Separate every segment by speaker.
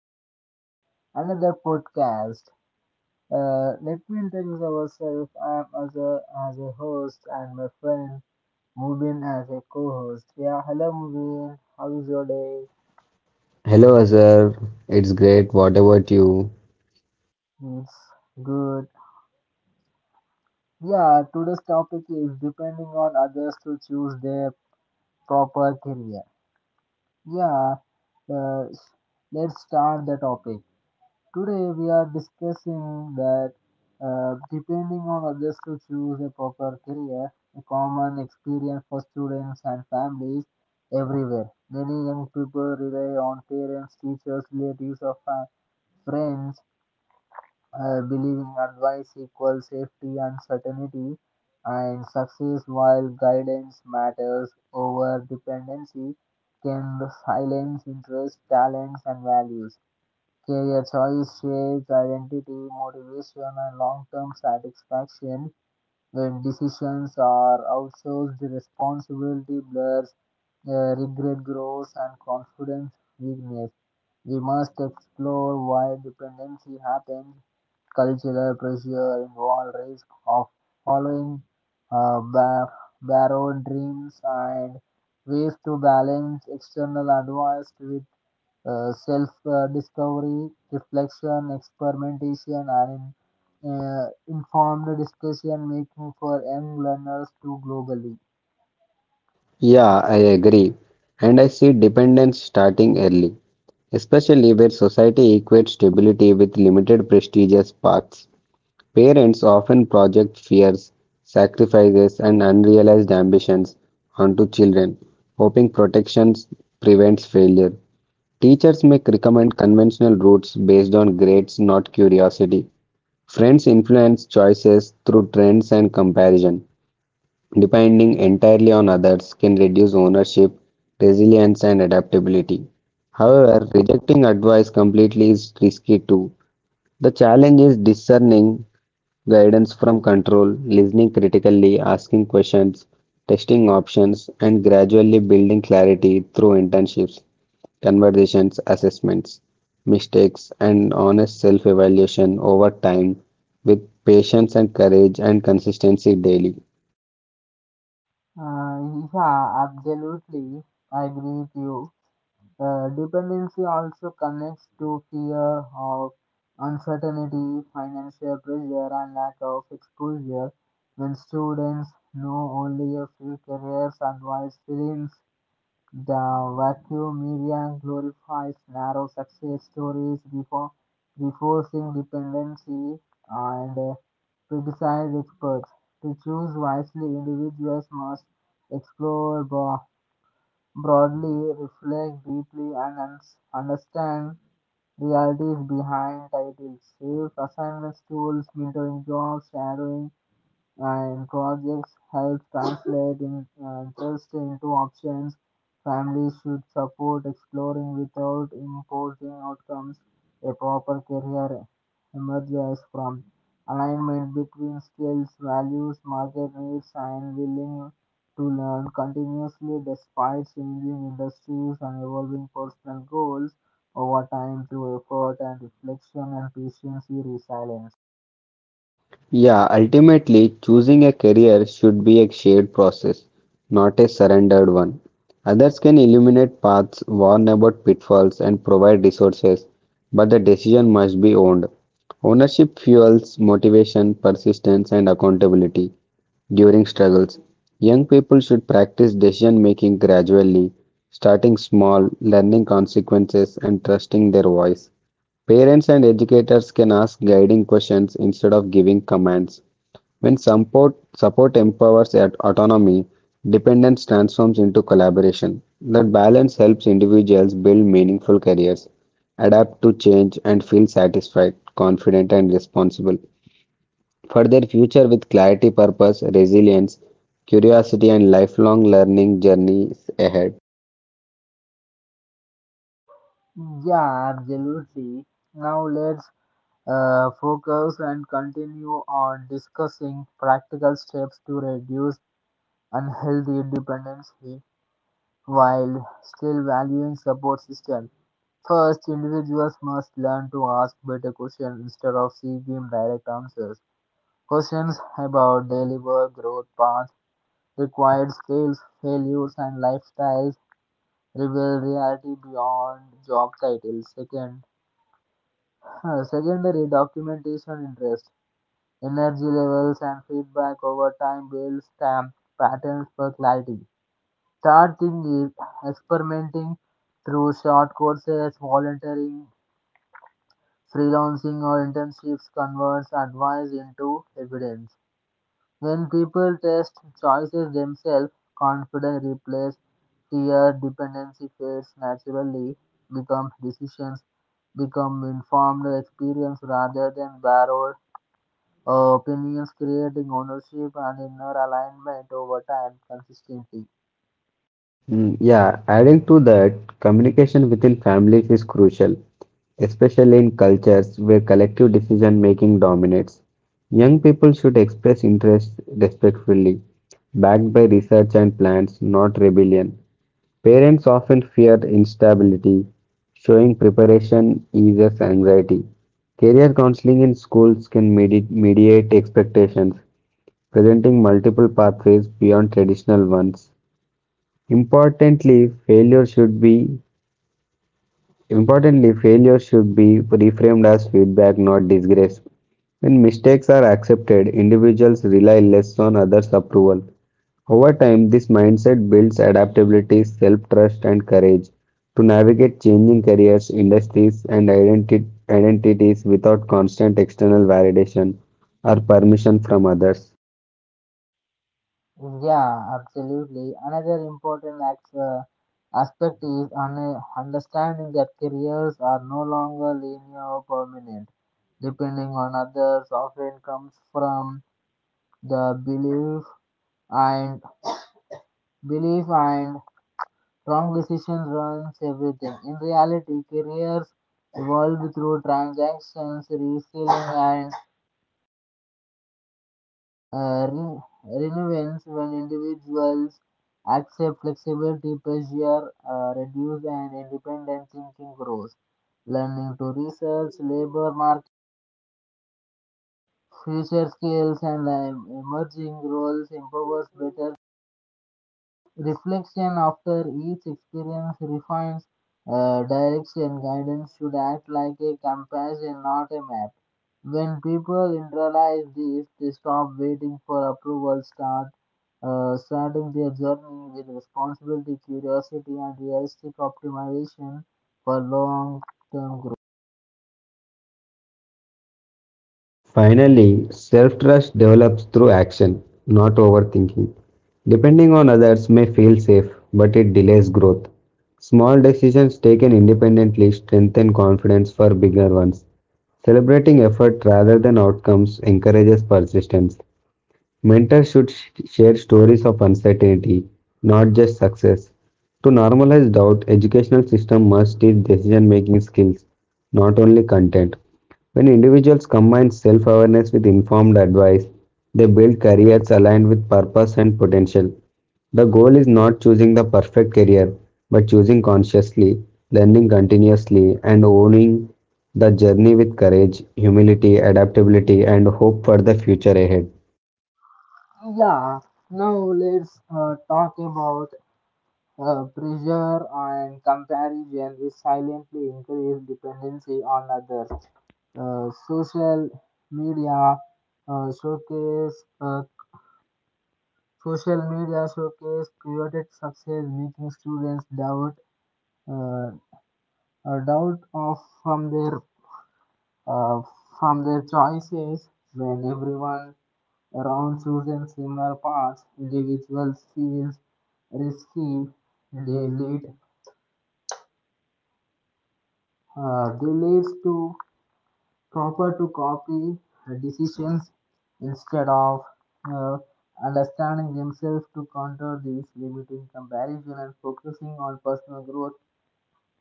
Speaker 1: to another podcast. Let me introduce ourselves. I'm as a host and my friend Mubin as a co-host. Yeah, hello Mubin. How is your day?
Speaker 2: Hello, Azhar. It's great. What about you?
Speaker 1: It's good. Yeah, today's topic is depending on others to choose their proper career. Yeah, uh, let's start the topic. Today we are discussing that depending on others to choose a proper career, a common experience for students and families everywhere. Many young people rely on parents, teachers, relatives, or friends, believing advice equals safety and certainty, and success while guidance matters over dependency can silence interests, talents, and values. Career choice shapes identity, motivation, and long term satisfaction. When decisions are outsourced, responsibility blurs, regret grows, and confidence weakness. We must explore why dependency happens, cultural pressure involved risk of following borrowed dreams, and ways to balance external advice with self discovery, reflection, experimentation, and informed discussion making for young learners too globally.
Speaker 2: Yeah, I agree. And I see dependence starting early, especially where society equates stability with limited prestigious paths. Parents often project fears, sacrifices, and unrealized ambitions onto children, hoping protection prevents failure. Teachers may recommend conventional routes based on grades, not curiosity. Friends influence choices through trends and comparison. Depending entirely on others can reduce ownership, resilience, and adaptability. However, rejecting advice completely is risky too. The challenge is discerning guidance from control, listening critically, asking questions, testing options, and gradually building clarity through internships, conversations, assessments, mistakes, and honest self evaluation over time with patience and courage and consistency daily.
Speaker 1: Yeah, absolutely. I agree with you. Dependency also connects to fear of uncertainty, financial pressure, and lack of exposure. When students know only a few careers and wise feelings, the vacuum media glorifies narrow success stories before reinforcing dependency and criticize experts. To choose wisely, individuals must explore broadly, reflect deeply, and understand realities behind titles. If assignments, tools, mentoring jobs, shadowing, and projects help translate interest into options. Families should support exploring without imposing outcomes. A proper career emerges from alignment between skills, values, market needs, and willing to learn continuously despite changing industries and evolving personal goals over time through effort and reflection and patience and resilience.
Speaker 2: Yeah, ultimately, choosing a career should be a shared process, not a surrendered one. Others can illuminate paths, warn about pitfalls, and provide resources, but the decision must be owned. Ownership fuels motivation, persistence, and accountability during struggles. Young people should practice decision making gradually, starting small, learning consequences, and trusting their voice. Parents and educators can ask guiding questions instead of giving commands. When support empowers at autonomy, dependence transforms into collaboration. That balance helps individuals build meaningful careers, adapt to change, and feel satisfied, confident, and responsible for their future with clarity, purpose, resilience, curiosity, and lifelong learning journeys ahead.
Speaker 1: Yeah, absolutely. Now let's focus and continue on discussing practical steps to reduce unhealthy dependency while still valuing support system. First, individuals must learn to ask better questions instead of seeking direct answers. Questions about daily work, growth paths, required skills, failures, and lifestyles reveal reality beyond job titles. Second, secondary documentation interest, energy levels and feedback over time builds stamp patterns for clarity. Third thing is experimenting through short courses, volunteering, freelancing or internships converts advice into evidence. When people test choices themselves, confidence replaces fear, dependency fades naturally, become decisions become informed experience rather than borrowed opinions creating ownership and inner alignment over time consistently.
Speaker 2: Mm, yeah, adding to that, communication within families is crucial, especially in cultures where collective decision making dominates. Young people should express interests respectfully, backed by research and plans, not rebellion. Parents often fear instability, showing preparation eases anxiety. Career counseling in schools can mediate expectations, presenting multiple pathways beyond traditional ones. Importantly, failure should be Importantly, failure should be reframed as feedback, not disgrace. When mistakes are accepted, individuals rely less on others' approval. Over time, this mindset builds adaptability, self-trust, and courage to navigate changing careers, industries, and identities without constant external validation or permission from others.
Speaker 1: Yeah, absolutely. Another important aspect is understanding that careers are no longer linear or permanent. Depending on others often comes from the belief and belief and wrong decision runs everything. In reality, careers evolve through transactions, reselling, and renewance when individuals accept flexibility, pressure reduce and independent thinking grows. Learning to research, labor market, future skills, and emerging roles empowers better reflection after each experience refines direction. Guidance should act like a compassion, not a map. When people internalize this, they stop waiting for approval, starting their journey with responsibility, curiosity, and realistic optimization for long-term
Speaker 2: Finally, self trust develops through action, not overthinking. Depending on others may feel safe, but it delays growth. Small decisions taken independently strengthen confidence for bigger ones. Celebrating effort rather than outcomes encourages persistence. Mentors should share stories of uncertainty, not just success. To normalize doubt, educational system must teach decision-making skills, not only content. When individuals combine self-awareness with informed advice, they build careers aligned with purpose and potential. The goal is not choosing the perfect career, but choosing consciously, learning continuously, and owning the journey with courage, humility, adaptability, and hope for the future ahead.
Speaker 1: growth. Yeah, now let's talk about pressure and comparison, which silently increase dependency on others. Uh, social media uh, showcase uh, Social media showcase created success, making students doubt uh, doubt of uh, from their choices when everyone around chooses similar paths. Individuals feels risky. They lead they leads to proper to copy decisions instead of uh, understanding themselves to counter these limiting comparison and focusing on personal growth.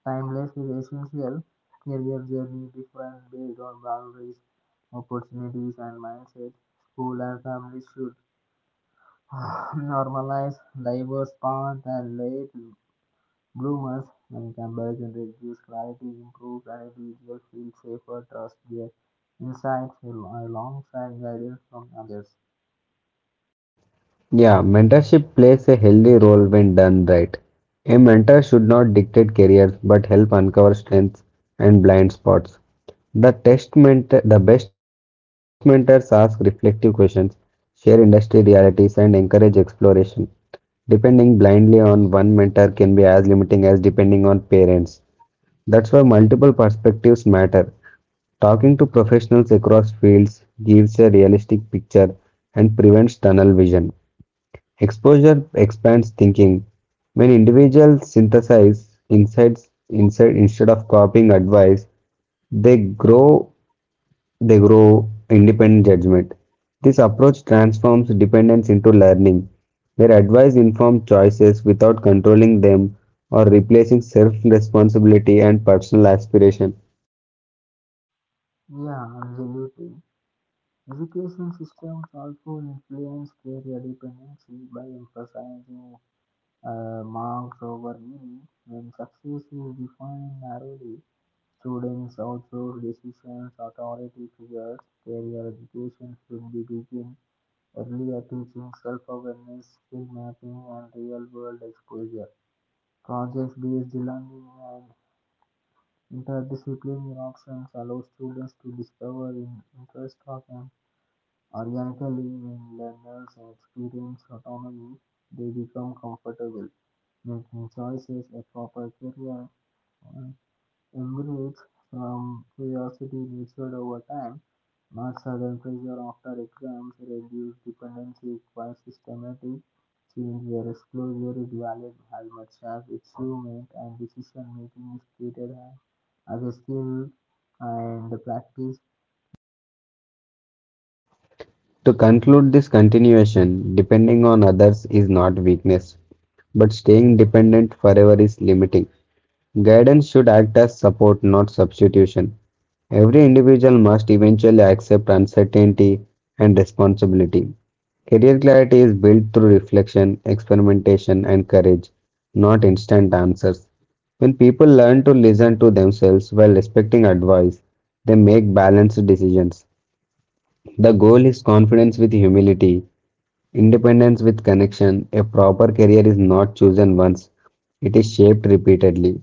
Speaker 1: Timeless is essential. Career journey different based on boundaries, opportunities, and mindset. School and families should normalize diverse paths and late bloomers. When comparison reduce clarity, improve and individuals feel safer, trust their insights alongside guidance from others.
Speaker 2: Yeah, mentorship plays a healthy role when done right. A mentor should not dictate careers but help uncover strengths and blind spots. The best mentors ask reflective questions, share industry realities, and encourage exploration. Depending blindly on one mentor can be as limiting as depending on parents. That's why multiple perspectives matter. Talking to professionals across fields gives a realistic picture and prevents tunnel vision. Exposure expands thinking. When individuals synthesize insights inside instead of copying advice, they grow they grow independent judgment. This approach transforms dependence into learning, where advice informs choices without controlling them or replacing self-responsibility and personal aspiration.
Speaker 1: Yeah, absolutely. Education systems also influence career dependency by emphasizing marks over meaning. When success is defined narrowly, students outsource decisions authority towards career education should be begin earlier teaching self-awareness, skill mapping, and real-world exposure. Project-based learning and interdisciplinary options allow students to discover interest of organically, when learners experience autonomy, they become comfortable making choices. A proper career uh, embrace from curiosity nurtured over time, not sudden pressure after exams, reduce dependency, requires systematic change where exposure is valued as much as achievement and decision making is treated as a skill and practice.
Speaker 2: To conclude this continuation, depending on others is not weakness, but staying dependent forever is limiting. Guidance should act as support, not substitution. Every individual must eventually accept uncertainty and responsibility. Career clarity is built through reflection, experimentation, and courage, not instant answers. When people learn to listen to themselves while respecting advice, they make balanced decisions. The goal is confidence with humility, independence with connection. A proper career is not chosen once, it is shaped repeatedly.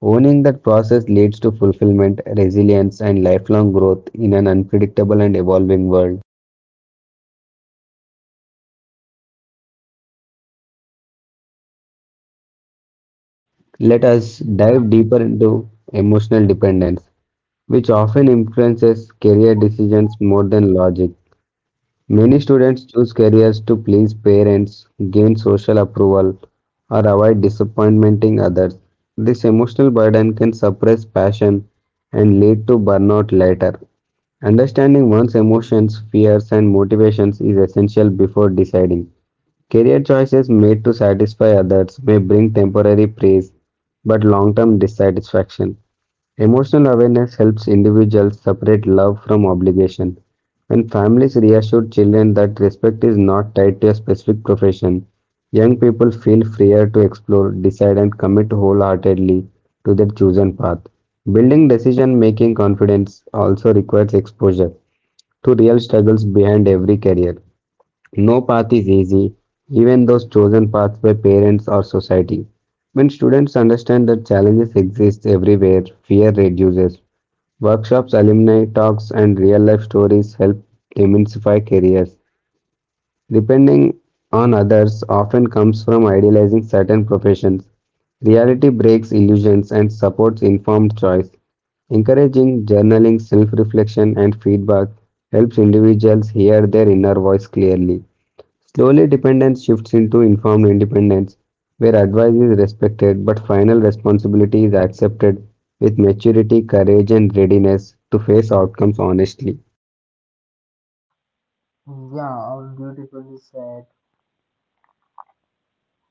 Speaker 2: Owning that process leads to fulfillment, resilience, and lifelong growth in an unpredictable and evolving world. Let us dive deeper into emotional dependence, which often influences career decisions more than logic. Many students choose careers to please parents, gain social approval, or avoid disappointing others. This emotional burden can suppress passion and lead to burnout later. Understanding one's emotions, fears, and motivations is essential before deciding. Career choices made to satisfy others may bring temporary praise but long term dissatisfaction. Emotional awareness helps individuals separate love from obligation. When families reassure children that respect is not tied to a specific profession, young people feel freer to explore, decide, and commit wholeheartedly to their chosen path. Building decision making confidence also requires exposure to real struggles behind every career. No path is easy, even those chosen paths by parents or society. When students understand that challenges exist everywhere, fear reduces. Workshops, alumni talks, and real life stories help demystify careers. Depending on others often comes from idealizing certain professions. Reality breaks illusions and supports informed choice. Encouraging journaling, self reflection, and feedback helps individuals hear their inner voice clearly. Slowly, dependence shifts into informed independence, where advice is respected but final responsibility is accepted with maturity, courage, and readiness to face outcomes honestly.
Speaker 1: Yeah, all beautifully said.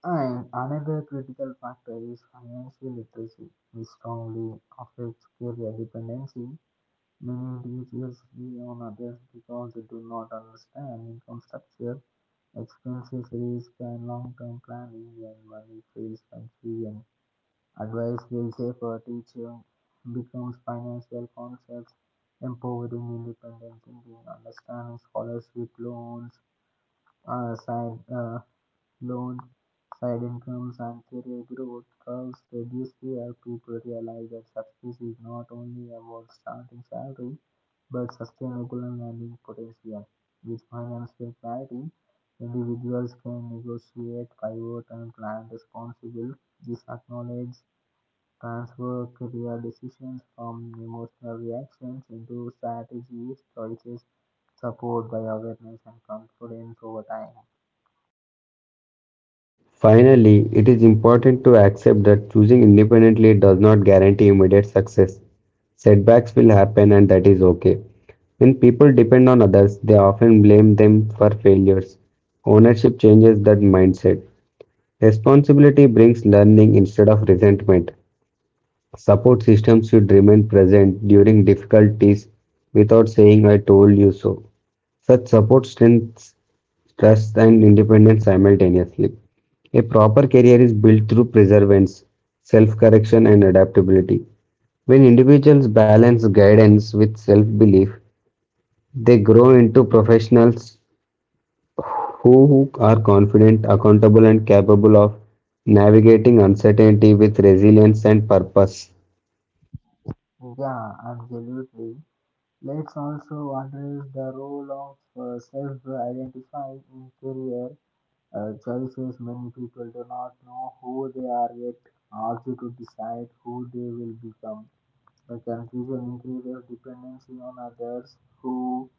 Speaker 1: And another critical factor is financial literacy, which strongly affects career dependency. Many individuals rely on others because they do not understand income structure, expenses, risk, and long term planning. When money feels confusing, and advice will safer, teaching becomes financial concepts, empowering independent thinking, understanding scholarship loans, uh, side, uh, loan side incomes and career growth curves reduce where people realize that success is not only about starting salary but sustainable and earning potential. With financial clarity, individuals can negotiate, pivot, and plan responsibly. This acknowledges transfer career decisions from emotional reactions into strategies, choices, support by awareness and confidence over time.
Speaker 2: Finally, it is important to accept that choosing independently does not guarantee immediate success. Setbacks will happen, and that is okay. When people depend on others, they often blame them for failures. Ownership changes that mindset. Responsibility brings learning instead of resentment. Support systems should remain present during difficulties without saying, "I told you so." Such support strengthens trust, and independence simultaneously. A proper career is built through perseverance, self correction, and adaptability. When individuals balance guidance with self belief, they grow into professionals who are confident, accountable, and capable of navigating uncertainty with resilience and purpose.
Speaker 1: Yeah, absolutely. Lex also addressed the role of self identifying in career choices. Many people do not know who they are yet, also to decide who they will become. The confusion increases dependency on others who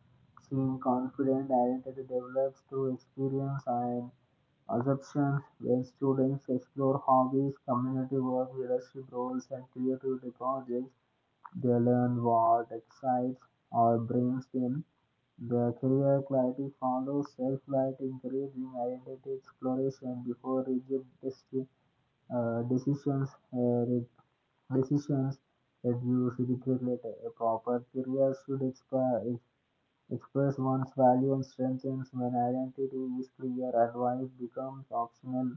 Speaker 1: seem confident. Identity develops through experience and assumptions when students explore hobbies, community work, leadership roles, and creativity projects. They learn what excites or brings them. The career clarity follows self-light, encouraging identity exploration before rigid decisions. Decisions reduce regret later. A proper career should express one's value and strengths when identity is clear. Advice becomes optional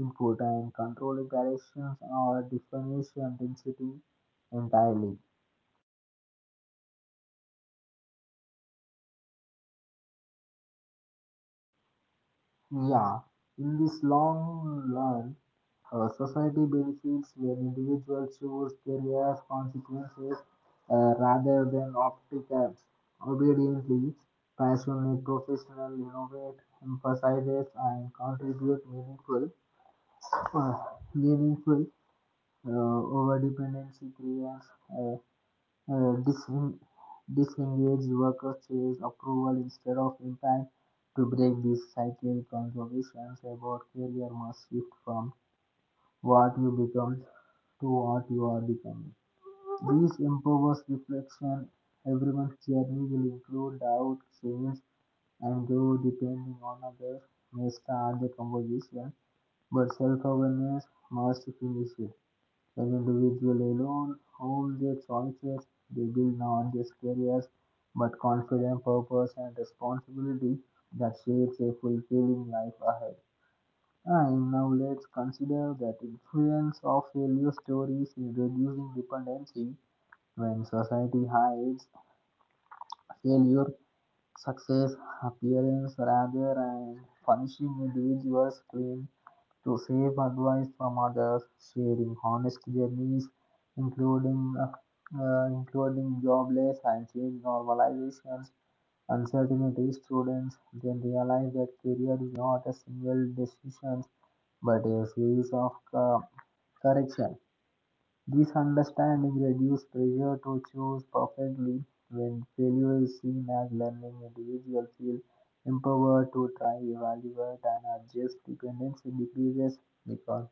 Speaker 1: input and controlling directions or definition density entirely. Yeah, in this long run, society benefits when individuals choose career consequences rather than obstacles. Obediently, passionate professional innovate, emphasizes and contribute uh, meaningful over dependency creates uh, uh, dis- disengage workers' chase approval instead of impact. To break this cycle, conversations about career must shift from what you become to what you are becoming. This empowers reflection. Everyone's journey will include doubt, change, and grow depending on others may start the conversation, but self awareness must finish it. As individuals alone, whom their choices they build not just careers but confidence, purpose, and responsibility that shapes a fulfilling life ahead. And now let's consider that influence of failure stories in reducing dependency when society hides failure success, appearance, rather than punishing individuals, claim to save advice from others, sharing honest journeys, including jobless and change normalizations, uncertainty students then realize that career is not a single decision but a series of correction. This understanding reduces pressure to choose perfectly. When failure is seen as learning, individuals feel empowered to try, evaluate, and adjust. Dependency decreases because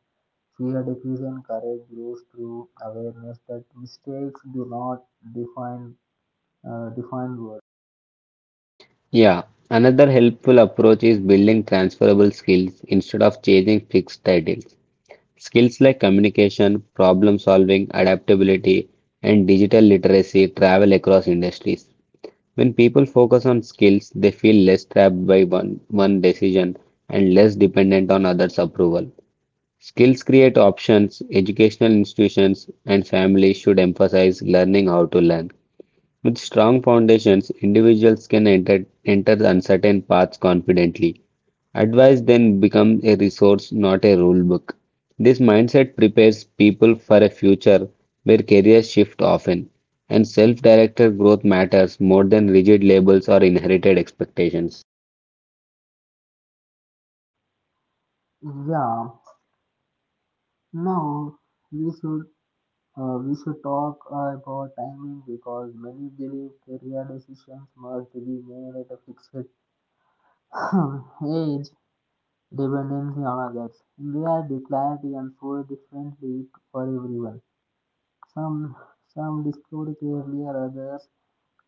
Speaker 1: fear decreases and courage grows through awareness that mistakes do not define define worth.
Speaker 2: Yeah, another helpful approach is building transferable skills instead of chasing fixed titles. Skills like communication, problem solving, adaptability, and digital literacy travel across industries. When people focus on skills, they feel less trapped by one decision and less dependent on others' approval. Skills create options, educational institutions, and families should emphasize learning how to learn. With strong foundations, individuals can enter uncertain paths confidently. Advice then becomes a resource, not a rule book. This mindset prepares people for a future where careers shift often, and self directed growth matters more than rigid labels or inherited expectations.
Speaker 1: Yeah. Now we should we should talk about timing because many believe career decisions must be made at a fixed age, dependency on others. India declared ensured differently for everyone. Some some discovered earlier, others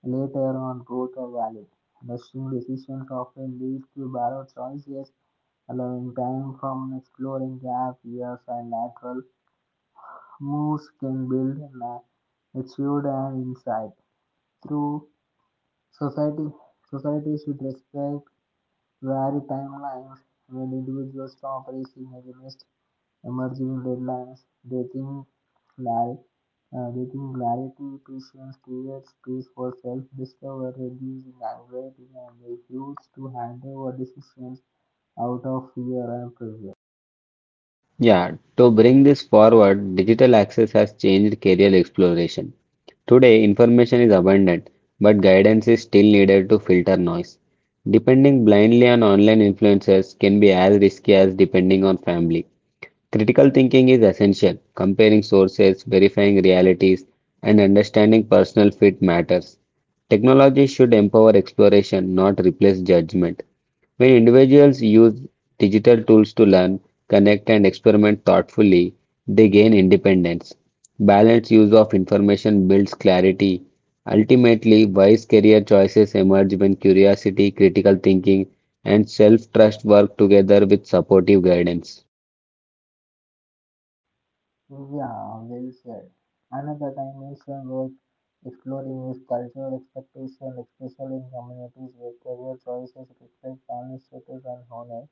Speaker 1: later on both are valid. Rushing decisions often leads to borrowed choices, allowing time from exploring gap years and natural moves can build matured and insight. Through society society should respect vary timelines when individuals stop racing against emerging deadlines. Like they think clarity, patience creates space for self-discovery, reducing anxiety, and refuse to hand over decisions out of fear and pressure.
Speaker 2: Yeah, to bring this forward, digital access has changed career exploration. Today, information is abundant, but guidance is still needed to filter noise. Depending blindly on online influencers can be as risky as depending on family. Critical thinking is essential. Comparing sources, verifying realities, and understanding personal fit matters. Technology should empower exploration, not replace judgment. When individuals use digital tools to learn, connect, and experiment thoughtfully, they gain independence. Balanced use of information builds clarity. Ultimately, wise career choices emerge when curiosity, critical thinking, and self trust work together with supportive guidance.
Speaker 1: Yeah, well said. Another dimension worth exploring is cultural expectation, especially in communities where career choices reflect family status and honor.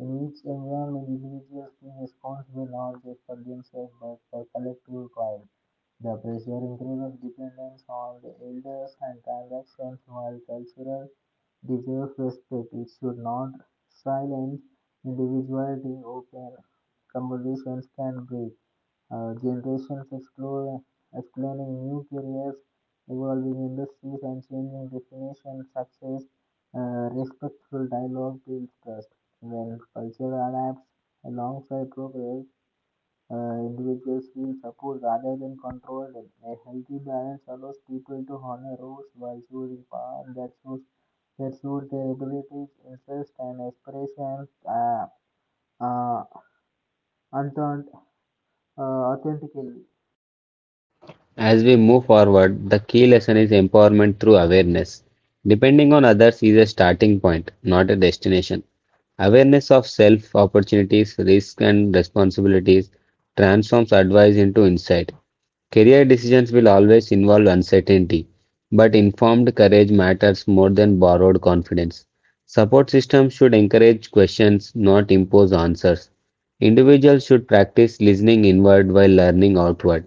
Speaker 1: In each environment individuals religiously responsible not just for themselves but for collective pride. The pressure increases dependence on the elders and transactions while cultural the self it should not silence individuality. Open conversations can break generations, exploring new careers, evolving industries, and changing definitions. Success, respectful dialogue builds trust. When culture adapts alongside progress, individuals feel support rather than controlled. A healthy balance allows people to honor rules while choosing paths that suit their abilities, interests, and aspirations. Uh, unthought, authentically.
Speaker 2: As we move forward, the key lesson is empowerment through awareness. Depending on others is a starting point, not a destination. Awareness of self, opportunities, risks, and responsibilities transforms advice into insight. Career decisions will always involve uncertainty, but informed courage matters more than borrowed confidence. Support systems should encourage questions, not impose answers. Individuals should practice listening inward while learning outward.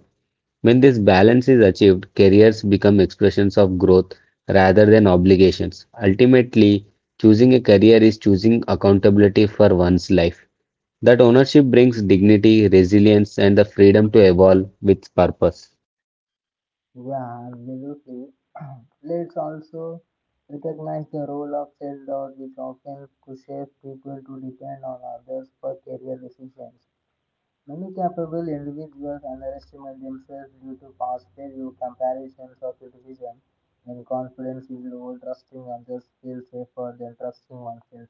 Speaker 2: When this balance is achieved, careers become expressions of growth rather than obligations. Ultimately, choosing a career is choosing accountability for one's life. That ownership brings dignity, resilience, and the freedom to evolve with purpose.
Speaker 1: Yeah, absolutely. Let's also recognize the role of self-doubt, which often pushes people to depend on others for career decisions. Many capable individuals underestimate themselves due to past failure, comparisons, or criticism. And confidence is low, trusting others feels safer than trusting oneself.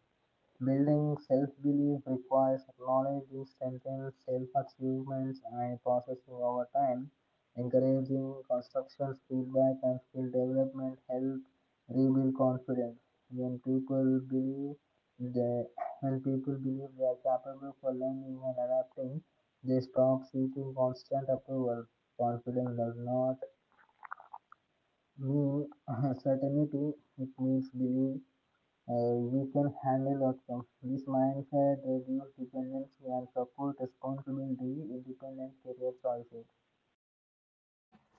Speaker 1: Building self belief requires acknowledging strengthened self achievements and processing over time. Encouraging constructive feedback and skill development help rebuild confidence. When people believe they, when people believe they are capable for learning and adapting, they stop seeking constant approval. Confidence does not mean certainty; it means belief you can handle outcomes. This mindset reduces dependency and support responsibility, independent career choices.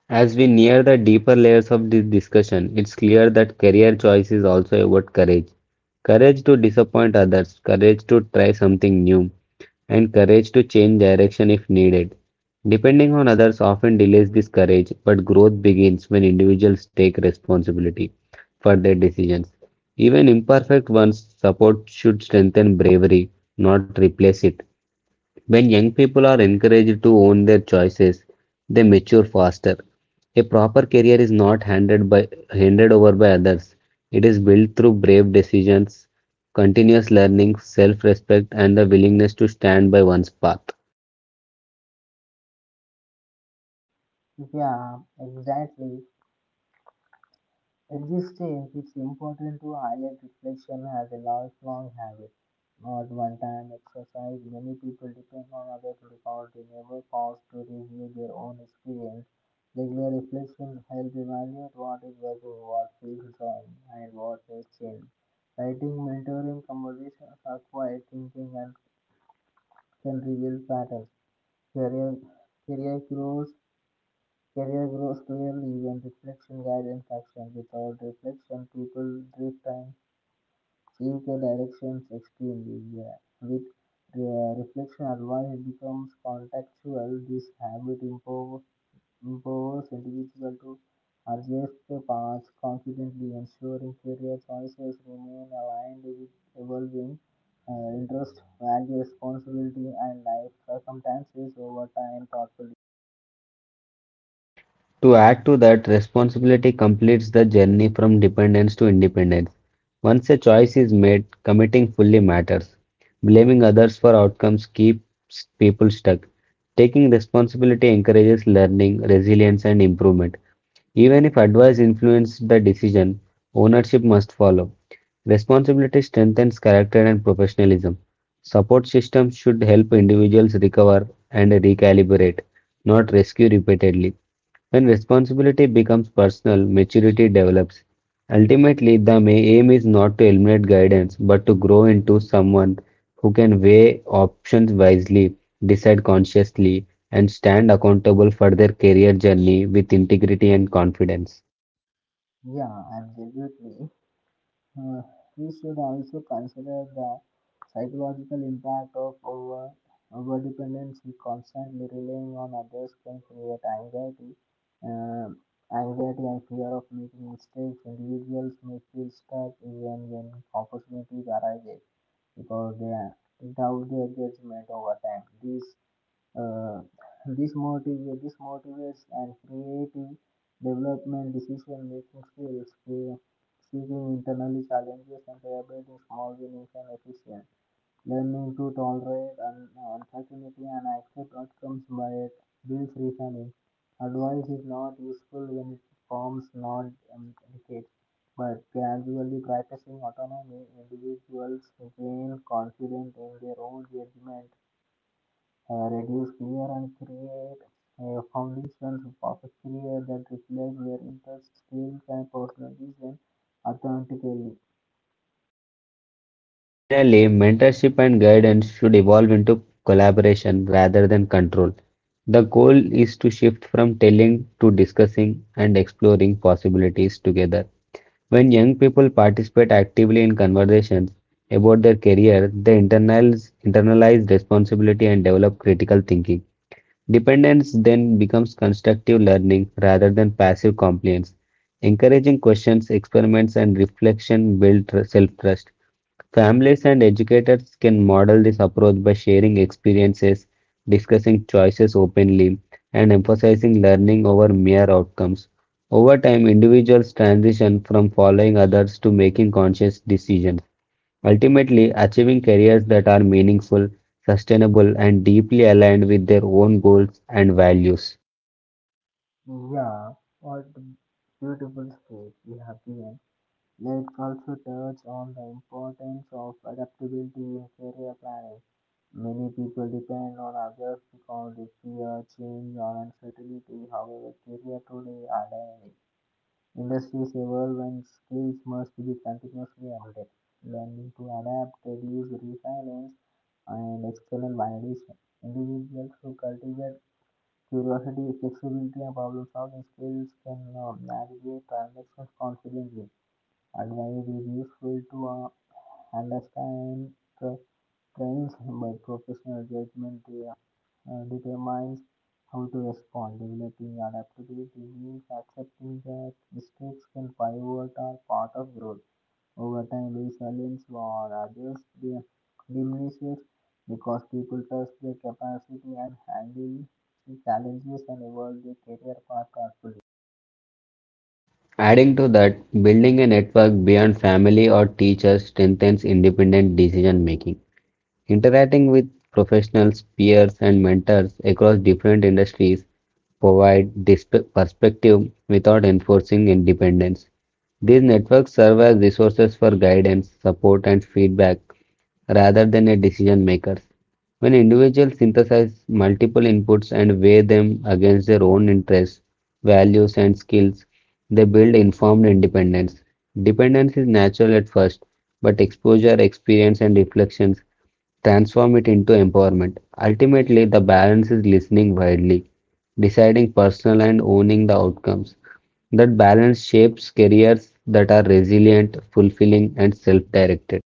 Speaker 2: As we near the deeper layers of this discussion, it's clear that career choice is also about courage. Courage to disappoint others, courage to try something new, and courage to change direction if needed. Depending on others often delays this courage, but growth begins when individuals take responsibility for their decisions. Even imperfect ones, support should strengthen bravery, not replace it. When young people are encouraged to own their choices, they mature faster. A proper career is not handed over by others. It is built through brave decisions, continuous learning, self-respect, and the willingness to stand by one's path.
Speaker 1: Yeah, exactly. At this stage, it's important to highlight reflection as a lifelong habit, not one time exercise. Many people depend on others because they never pause to review their own experience. Regular reflection helps evaluate what is working, what feels wrong, and what needs change. Writing, mentoring, conversations are quiet thinking and can reveal patterns. Career, career growth Career grows clearly when reflection guides action. Without reflection, people drift and change their directions extremely. Yeah. With reflection, advice becomes contextual. This habit empowers individuals to adjust their paths confidently, ensuring career choices remain aligned with evolving interests, values, responsibility, and life circumstances over time thoughtfully.
Speaker 2: To add to that, responsibility completes the journey from dependence to independence. Once a choice is made, committing fully matters. Blaming others for outcomes keeps people stuck. Taking responsibility encourages learning, resilience, and improvement. Even if advice influences the decision, ownership must follow. Responsibility strengthens character and professionalism. Support systems should help individuals recover and recalibrate, not rescue repeatedly. When responsibility becomes personal, maturity develops. Ultimately, the aim is not to eliminate guidance, but to grow into someone who can weigh options wisely, decide consciously, and stand accountable for their career journey with integrity and confidence.
Speaker 1: Yeah, absolutely. Uh, we should also consider the psychological impact of overdependency. Constantly relying on others can create um, anxiety and fear of making mistakes. Individuals may feel stuck even when opportunities arise because they doubt their judgment over time. Uh, this motivates and creative development, decision making skills, seeking internally challenges and collaborating small winnings and efficient. Learning to tolerate uncertainty and accept outcomes by it builds resilience. Advice is not useful when it forms not decades, but gradually practicing autonomy, individuals gain confidence in their own judgment, reduce fear and create foundations of a career that reflect their interests, skills, and personalities and authentically.
Speaker 2: Finally, mentorship and guidance should evolve into collaboration rather than control. The goal is to shift from telling to discussing and exploring possibilities together. When young people participate actively in conversations about their career, they internalize responsibility and develop critical thinking. Dependence then becomes constructive learning rather than passive compliance. Encouraging questions, experiments, and reflection build self trust. Families and educators can model this approach by sharing experiences, discussing choices openly, and emphasizing learning over mere outcomes. Over time, individuals transition from following others to making conscious decisions. Ultimately, achieving careers that are meaningful, sustainable, and deeply aligned with their own goals and values.
Speaker 1: Yeah, what beautiful speech you have given. Let's also touch on the importance of adaptability in career planning. Many people depend on others because they fear change or uncertainty. However, career today are dynamic. Industries evolve and skills must be continuously updated. Learning to adapt, reduce resilience, and external validation. Individuals who cultivate curiosity, flexibility, and problem solving skills can navigate transactions confidently. Advice is useful to understand tra- trends, but professional judgment determines how to respond. Developing adaptability means accepting that mistakes can pivot are part of growth. Over time, resilience or others diminishes because people trust their capacity and handle challenges and evolve their career path carefully.
Speaker 2: Adding to that, building a network beyond family or teachers strengthens independent decision making. Interacting with professionals, peers, and mentors across different industries provide this perspective without enforcing independence. These networks serve as resources for guidance, support, and feedback rather than a decision makers. When individuals synthesize multiple inputs and weigh them against their own interests, values, and skills, they build informed independence. Dependence is natural at first, but exposure, experience, and reflections transform it into empowerment. Ultimately, the balance is listening widely, deciding personal and owning the outcomes. That balance shapes careers that are resilient, fulfilling, and self directed.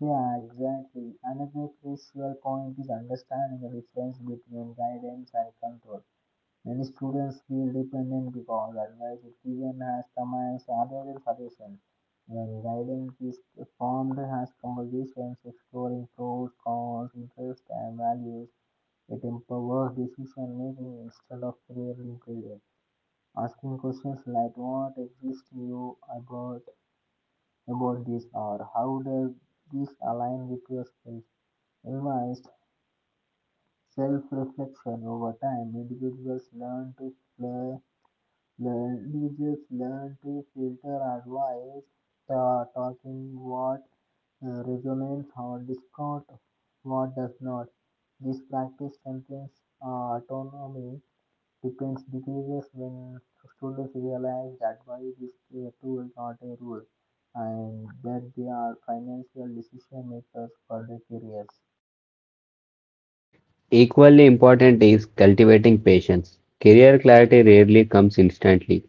Speaker 1: Yeah, exactly. Another crucial point is understanding the difference between guidance and control. Many students feel dependent because advice is given as commands rather than suggestions. When guidance is formed as conversations exploring pros, cons, interests, and values, it empowers decision making instead of creating fear. Asking questions like what exists you about this, or how does this align with your skills? Advised self-reflection over time. Individuals learn to play, individuals learn to filter advice, talking what resonates or discard what does not. This practice contains autonomy. Depends decreases when students realize that money is a tool, not a rule, and that they are financial decision makers for their careers.
Speaker 2: Equally important is cultivating patience. Career clarity rarely comes instantly.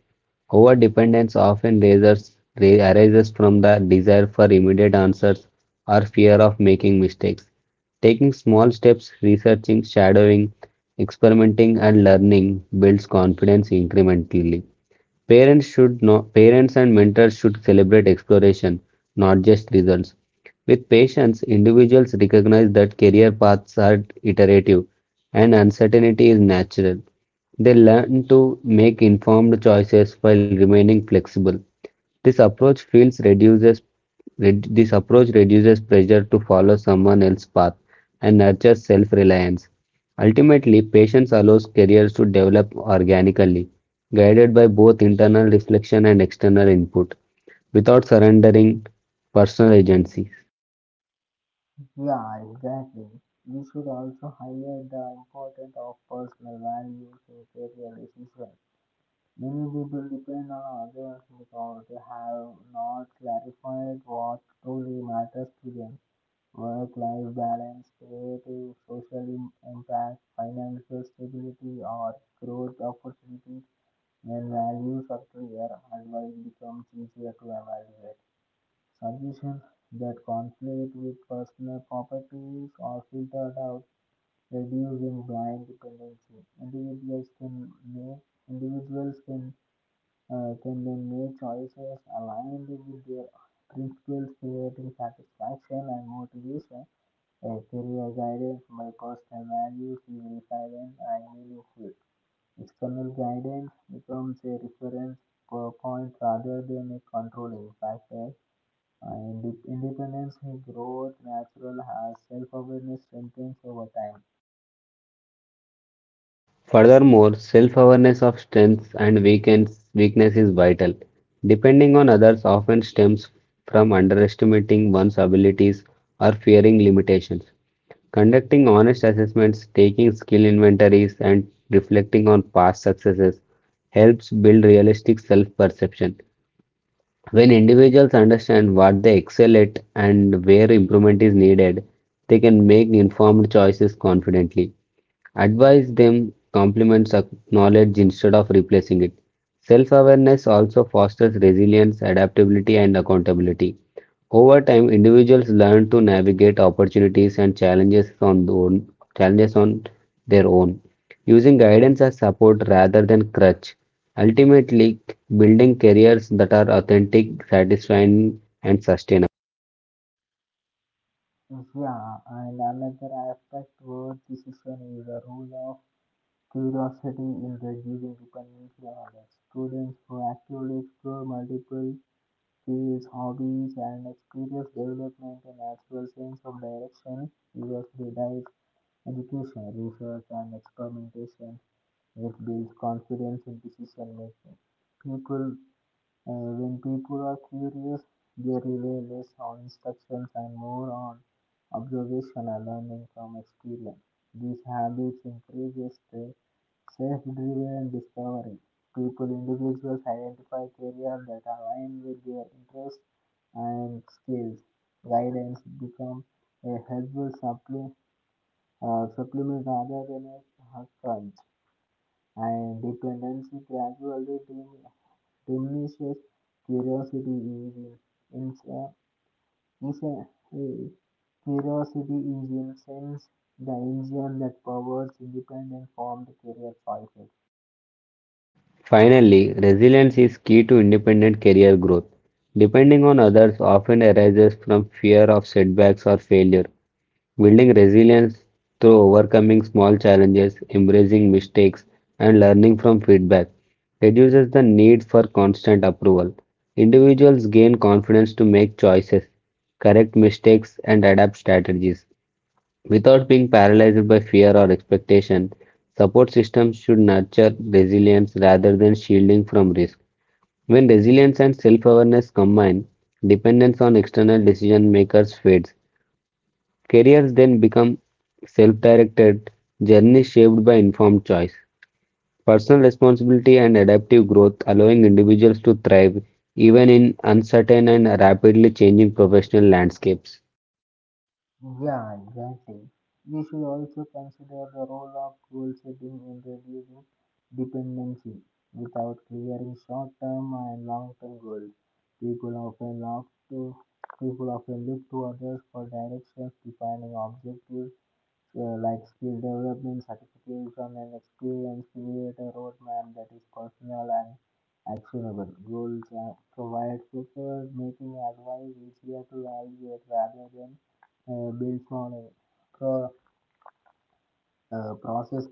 Speaker 2: Overdependence often arises from the desire for immediate answers or fear of making mistakes. Taking small steps, researching, shadowing, experimenting, and learning builds confidence incrementally. Parents should know. Parents and mentors should celebrate exploration, not just results. With patience, individuals recognize that career paths are iterative and uncertainty is natural. They learn to make informed choices while remaining flexible. This approach feels reduces this approach reduces pressure to follow someone else's path and nurtures self-reliance. Ultimately, patience allows careers to develop organically, guided by both internal reflection and external input, without surrendering personal agency.
Speaker 1: Yeah, exactly. We should also highlight the importance of personal values in career decisions. Many people depend on others because they have not clarified what truly matters to them. Work life balance, creative, social impact, financial stability, or growth opportunities. When values are clear, advice becomes easier to evaluate. Suggestions that conflict with personal properties are filtered out, reducing blind dependency. Individuals can make individuals can they make choices aligned with their principles, creating satisfaction and motivation? A career guidance by personal values is resilient and meaningful. External guidance becomes a reference point rather than a controlling factor. Independence growth natural as self-awareness strengthens over time.
Speaker 2: Furthermore, self awareness of strengths and weakness is vital. Depending on others often stems from underestimating one's abilities or fearing limitations. Conducting honest assessments, taking skill inventories, and reflecting on past successes helps build realistic self perception. When individuals understand what they excel at and where improvement is needed, they can make informed choices confidently. Advise them compliments knowledge instead of replacing it. Self awareness also fosters resilience, adaptability, and accountability. Over time, individuals learn to navigate opportunities and challenges on their own, challenges on their own, using guidance as support rather than crutch. Ultimately, building careers that are authentic, satisfying, and sustainable.
Speaker 1: So, yeah, and another aspect worth decision is the rule of curiosity is reducing dependence on others. Students proactively explore multiple fields, hobbies, and experience development a natural sense of direction. University life, education, research, and experimentation, which builds confidence in decision making. People when people are curious, they rely less on instructions and more on observation and learning from experience. These habits increases the self-driven discovery. Individuals identify careers that align with their interests and skills. Guidance become a helpful supplement rather than a crutch, and dependency gradually diminish. Delicious curiosity engine. In is a curiosity is in sense the engine that powers independent formed career choices.
Speaker 2: Finally, resilience is key to independent career growth. Depending on others often arises from fear of setbacks or failure. Building resilience through overcoming small challenges, embracing mistakes, and learning from feedback reduces the need for constant approval. Individuals gain confidence to make choices, correct mistakes, and adapt strategies. Without being paralyzed by fear or expectation, support systems should nurture resilience rather than shielding from risk. When resilience and self awareness combine, dependence on external decision makers fades. Careers then become self directed, journeys shaped by informed choice. Personal responsibility and adaptive growth allowing individuals to thrive even in uncertain and rapidly changing professional landscapes.
Speaker 1: Yeah, exactly. We should also consider the role of goal setting in reducing dependency. Without clearing short term and long term goals, people often look to people often look to others for directions, defining objectives, like skill development certification and experience create a roadmap that is personal and actionable goals and provide preferred making advice easier to evaluate rather than built on a pro- process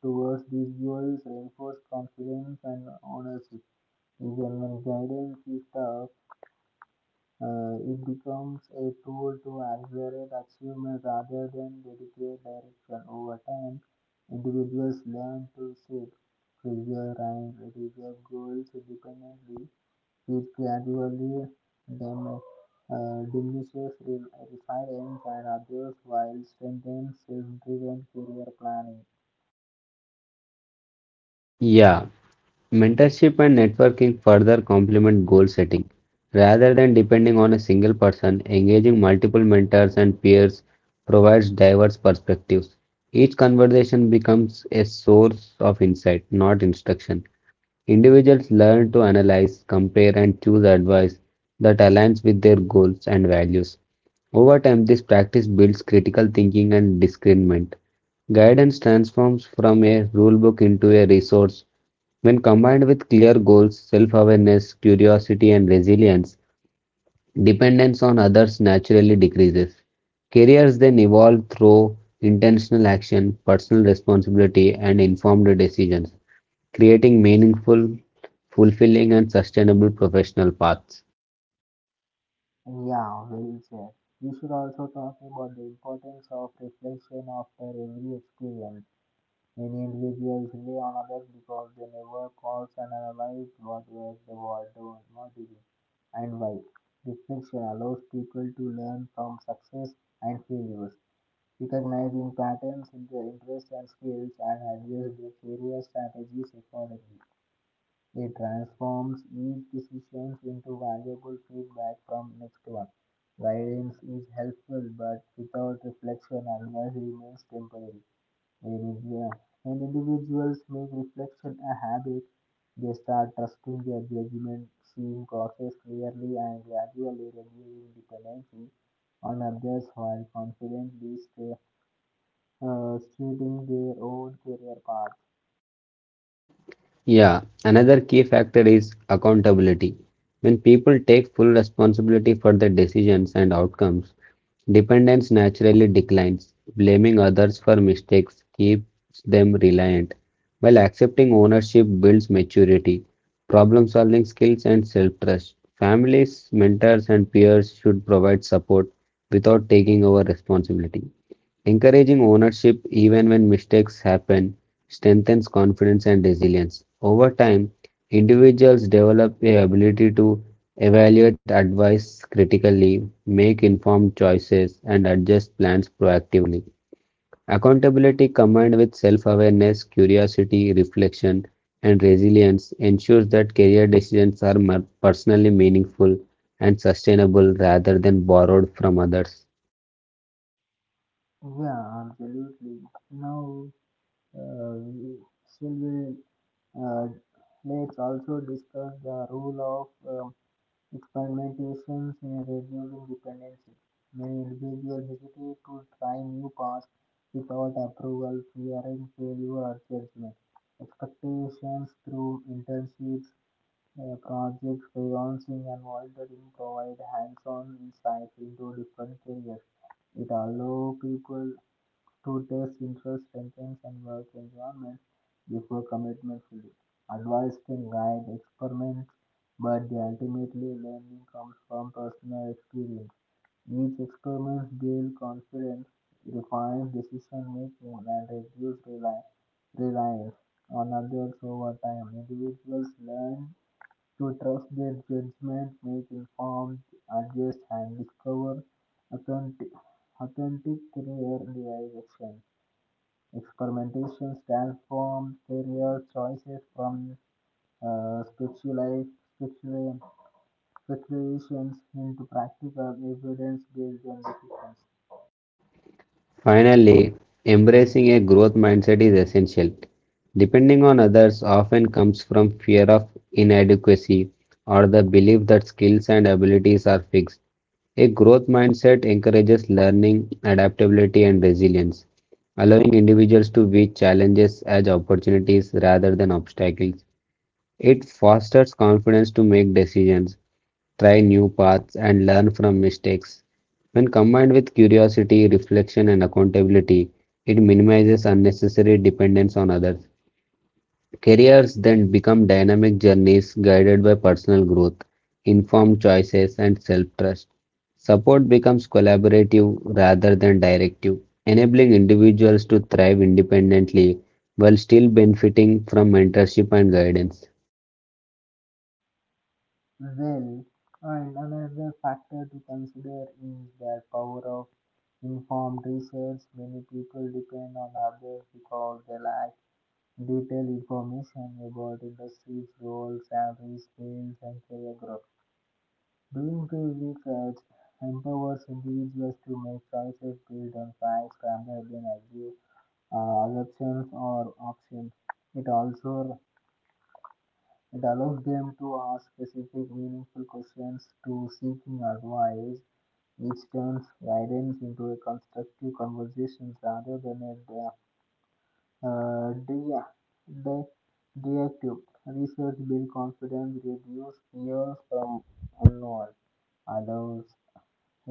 Speaker 1: towards these goals reinforce confidence and ownership environment guidance system. It becomes a tool to accelerate achievement rather than dedicate direction. Over time, individuals learn to set, preserve, and reserve goals independently, which gradually dem- diminishes resilience and others while strengthens self-driven career planning.
Speaker 2: Yeah, mentorship and networking further complement goal setting. Rather than depending on a single person, engaging multiple mentors and peers provides diverse perspectives. Each conversation becomes a source of insight, not instruction. Individuals learn to analyze, compare, and choose advice that aligns with their goals and values. Over time, this practice builds critical thinking and discernment. Guidance transforms from a rulebook into a resource. When combined with clear goals, self awareness, curiosity, and resilience, dependence on others naturally decreases. Careers then evolve through intentional action, personal responsibility, and informed decisions creating meaningful, fulfilling, and sustainable professional paths.
Speaker 1: Yeah, well said. We should also talk about the importance of reflection after every experience. Many individuals rely on others because they never pause and analyze what works, the what don't work, and why. Reflection allows people to learn from success and failures, recognizing patterns in their interests and skills, and adjust their career strategies accordingly. It transforms each decision into valuable feedback from next one. Guidance is helpful, but without reflection, advice remains temporary. Whereas, yeah, when individuals make reflection a habit, they start trusting their judgment, seeing causes clearly, and gradually reducing dependency on others while confidently stay, steering their own career path.
Speaker 2: Yeah, another key factor is accountability. When people take full responsibility for their decisions and outcomes, dependence naturally declines. Blaming others for mistakes keeps them reliant, while accepting ownership builds maturity, problem solving skills, and self trust. Families, mentors, and peers should provide support without taking over responsibility. Encouraging ownership even when mistakes happen strengthens confidence and resilience. Over time, individuals develop the ability to evaluate advice critically, make informed choices, and adjust plans proactively. Accountability combined with self-awareness, curiosity, reflection, and resilience ensures that career decisions are personally meaningful and sustainable rather than borrowed from others.
Speaker 1: Yeah, absolutely. Now, we- still we, uh, let's also discuss the role of um, experimentations in reducing dependency. Many individuals hesitate to try new paths without approval, fearing failure or judgment. Expectations through internships, projects, freelancing, and volunteering provide hands on insight into different careers. It allows people to test interests, strengths, and work environments before commitment fully. Advice can guide experiments, but the ultimately learning comes from personal experience. Each experiment builds confidence, refines decision making, and reduces reliance on others over time. Individuals learn to trust their judgment, make informed, adjust, and discover authentic, authentic career direction. Experimentations transform career choices from uh, speculate- specula- speculations into practical evidence based on decisions.
Speaker 2: Finally, embracing a growth mindset is essential. Depending on others often comes from fear of inadequacy or the belief that skills and abilities are fixed. A growth mindset encourages learning, adaptability, and resilience, allowing individuals to view challenges as opportunities rather than obstacles. It fosters confidence to make decisions, try new paths, and learn from mistakes. When combined with curiosity, reflection, and accountability, it minimizes unnecessary dependence on others. Careers then become dynamic journeys guided by personal growth, informed choices, and self trust. Support becomes collaborative rather than directive, enabling individuals to thrive independently while still benefiting from mentorship and guidance.
Speaker 1: Well, and another factor to consider is the power of informed research. Many people depend on others because they lack detailed information about industries, roles, salaries, skills, and career growth. Doing field research empowers individuals to make choices based on facts rather than assumptions or options. It also it allows them to ask specific, meaningful questions to seeking advice, which turns guidance into a constructive conversation rather than a uh, de- de- deactive. Research builds confidence, reduces fear from unknown, allows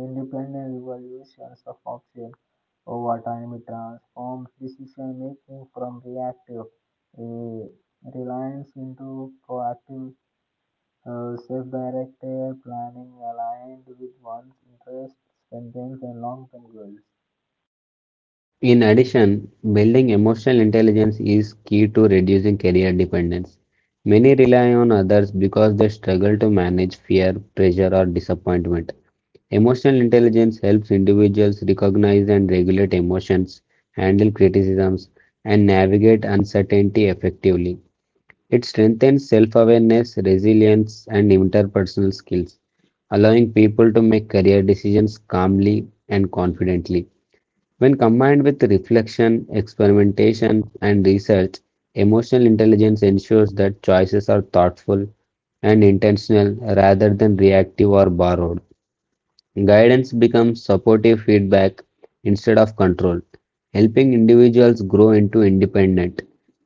Speaker 1: independent evaluations of options. Over time, transforms decision making from reactive uh, reliance into proactive, self directed planning aligned with one's interests, strengths, and long term goals.
Speaker 2: In addition, building emotional intelligence is key to reducing career dependence. Many rely on others because they struggle to manage fear, pressure, or disappointment. Emotional intelligence helps individuals recognize and regulate emotions, handle criticisms, and navigate uncertainty effectively. It strengthens self awareness, resilience, and interpersonal skills, allowing people to make career decisions calmly and confidently. When combined with reflection, experimentation, and research, emotional intelligence ensures that choices are thoughtful and intentional rather than reactive or borrowed. Guidance becomes supportive feedback instead of control, helping individuals grow into independent,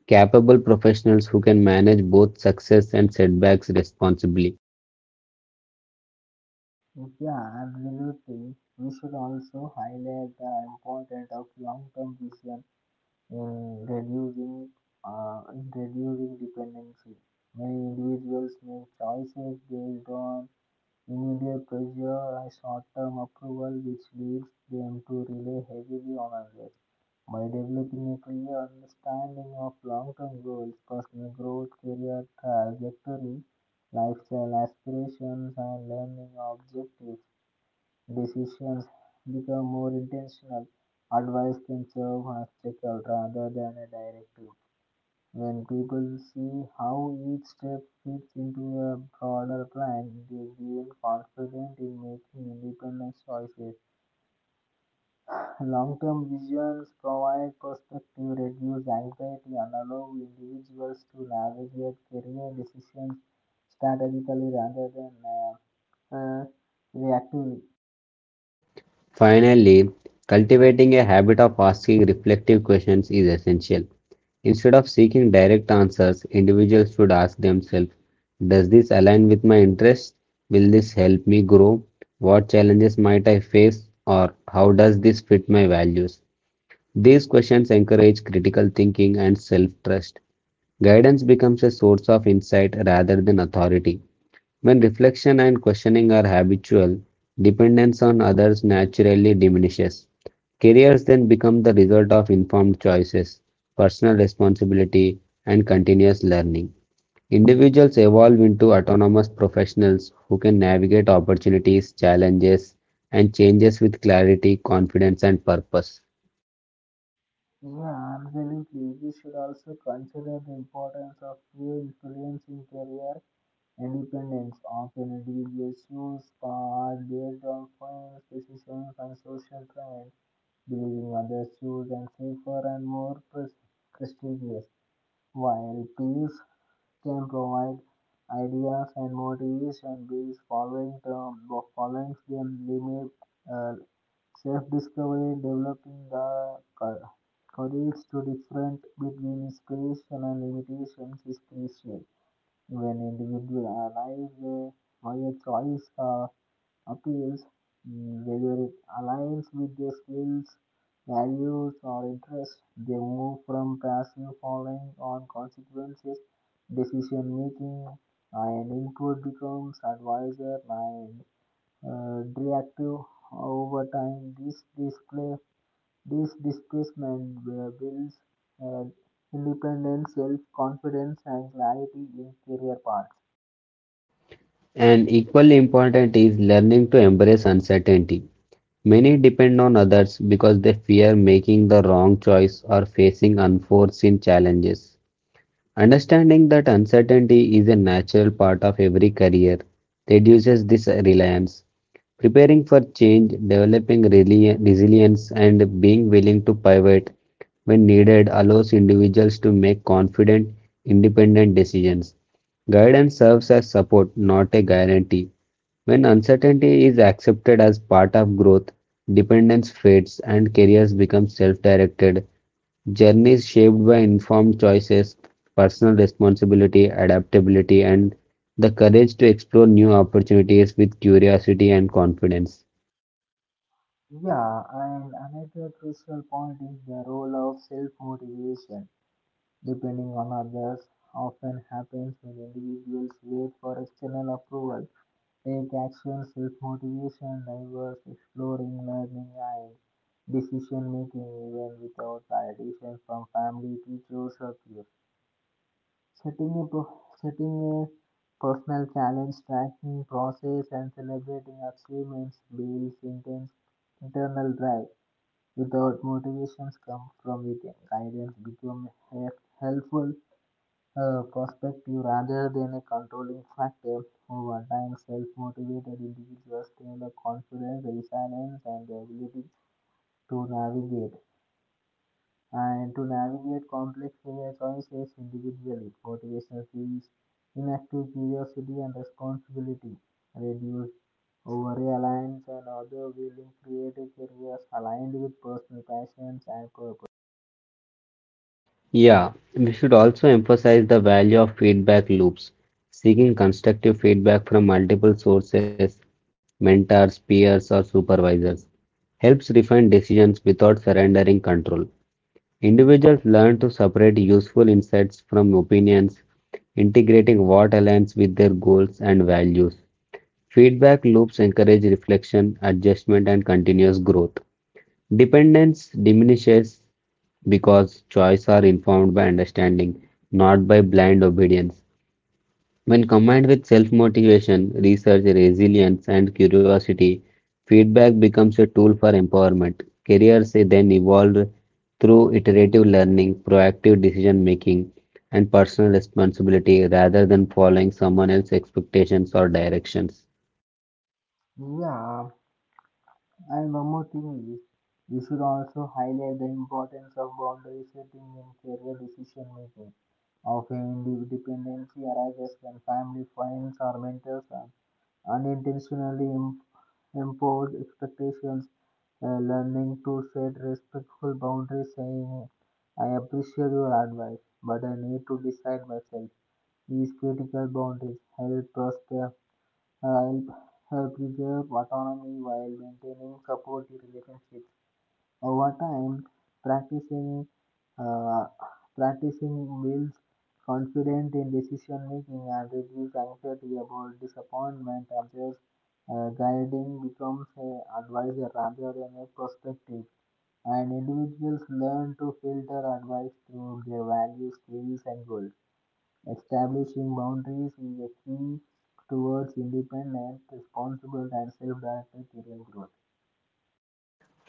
Speaker 2: capable professionals who can manage both success and setbacks responsibly.
Speaker 1: Yeah, absolutely. We should also highlight the importance of long term vision in reducing dependency. Many individuals make choices based on immediate pressure or short-term approval, which leads them to rely heavily on others. By developing a clear understanding of long-term goals, personal growth, career trajectory, lifestyle aspirations, and learning objectives, decisions become more intentional. Advice can serve as checker rather than a directive. When people see how each step fits into a broader plan, they gain confidence in making independent choices. Long-term visions provide perspective, reduce anxiety, and allow individuals to navigate career decisions strategically rather than uh, reactively.
Speaker 2: Finally, cultivating a habit of asking reflective questions is essential. Instead of seeking direct answers, individuals should ask themselves, does this align with my interests? Will this help me grow? What challenges might I face? Or how does this fit my values? These questions encourage critical thinking and self trust. Guidance becomes a source of insight rather than authority. When reflection and questioning are habitual, dependence on others naturally diminishes. Careers then become the result of informed choices, personal responsibility, and continuous learning. Individuals evolve into autonomous professionals who can navigate opportunities, challenges, and changes with clarity, confidence, and purpose.
Speaker 1: Yeah, absolutely. We should also consider the importance of peer influence in career independence. Often individuals choose paths based on friends, decisions, and social trends, believing others choose and safer and more prestigious, while peers can provide ideas and motivation based following the following them limit uh, self-discovery, developing the courage to different between inspiration and limitations is crucial. When individuals analyze alive their higher choice appeals, whether it aligns with their skills, values, or interests, they move from passive following on consequences, decision making, and input becomes advisor and reactive over time. This displacement builds uh, independence, self-confidence, and clarity in career paths.
Speaker 2: And equally important is learning to embrace uncertainty. Many depend on others because they fear making the wrong choice or facing unforeseen challenges. Understanding that uncertainty is a natural part of every career reduces this reliance. Preparing for change, developing resilience, and being willing to pivot when needed allows individuals to make confident, independent decisions. Guidance serves as support, not a guarantee. When uncertainty is accepted as part of growth, dependence fades and careers become self directed journeys shaped by informed choices, personal responsibility, adaptability, and the courage to explore new opportunities with curiosity and confidence.
Speaker 1: Yeah, and another crucial point is the role of self-motivation. Depending on others often happens when individuals wait for external approval. Take action, self motivation, diverse, exploring, learning, and decision making, even without validation from family, teachers, or peers. Setting a personal challenge, tracking process, and celebrating achievements builds intense internal drive. Without motivations come from within, guidance become helpful perspective rather than a controlling factor. Over time, self motivated individuals develop confidence, resilience, and the ability to navigate to navigate complex career choices individually. Motivation feels inactive curiosity and responsibility, reduce over reliance on other willing creative careers aligned with personal passions and purpose.
Speaker 2: Yeah, we should also emphasize the value of feedback loops, seeking constructive feedback from multiple sources, mentors, peers, or supervisors helps refine decisions without surrendering control. Individuals learn to separate useful insights from opinions, integrating what aligns with their goals and values. Feedback loops encourage reflection, adjustment, and continuous growth. Dependence diminishes because choices are informed by understanding, not by blind obedience. When combined with self-motivation, research, resilience, and curiosity, feedback becomes a tool for empowerment. Careers then evolve through iterative learning, proactive decision making, and personal responsibility rather than following someone else's expectations or directions.
Speaker 1: Yeah, and one more thing is, we should also highlight the importance of boundary setting in career decision making. Often, dependency arises when family, friends, or mentors are unintentionally impose expectations. Learning to set respectful boundaries, saying, I appreciate your advice, but I need to decide myself. These critical boundaries help us care help help preserve autonomy while maintaining supportive relationships. Over time, practicing uh, practicing builds confidence in decision making and reduces anxiety about disappointment. Others guiding becomes an advisor rather than a perspective, and individuals learn to filter advice through their values, skills, and goals. Establishing boundaries is a key towards independent, responsible, and self-directed career growth.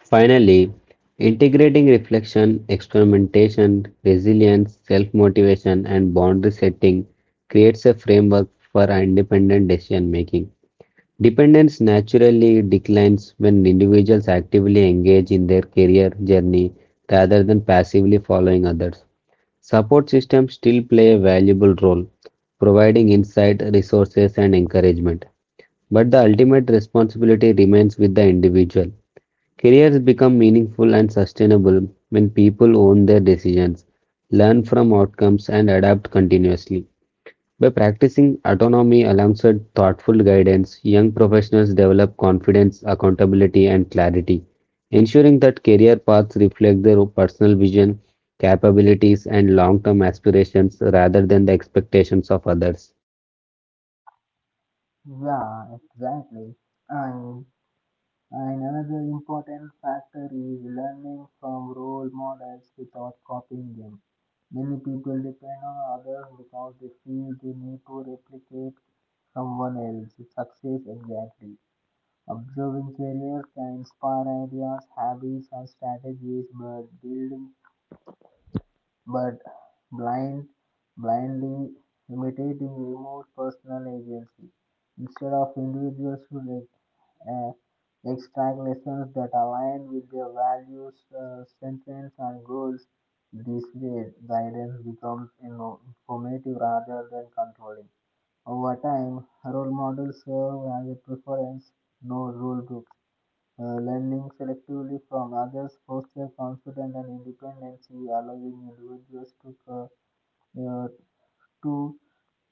Speaker 2: Finally, integrating reflection, experimentation, resilience, self motivation, and boundary setting creates a framework for independent decision making. Dependence naturally declines when individuals actively engage in their career journey rather than passively following others. Support systems still play a valuable role, providing insight, resources, and encouragement. But the ultimate responsibility remains with the individual. Careers become meaningful and sustainable when people own their decisions, learn from outcomes, and adapt continuously. By practicing autonomy alongside thoughtful guidance, young professionals develop confidence, accountability, and clarity, ensuring that career paths reflect their personal vision, capabilities, and long term aspirations rather than the expectations of others.
Speaker 1: Yeah, exactly. And, and another important factor is learning from role models without copying them. Many people depend on others because they feel they need to replicate someone else's success exactly. Observing careers can inspire ideas, habits, and strategies, but building but blind, blindly imitating remote personal agency. Instead of individuals who extract lessons that align with their values, sentiments, and goals, this way guidance becomes informative rather than controlling. Over time, role models serve as a preference, no rule book. Learning selectively from others fosters confidence and independence, allowing individuals to, uh, to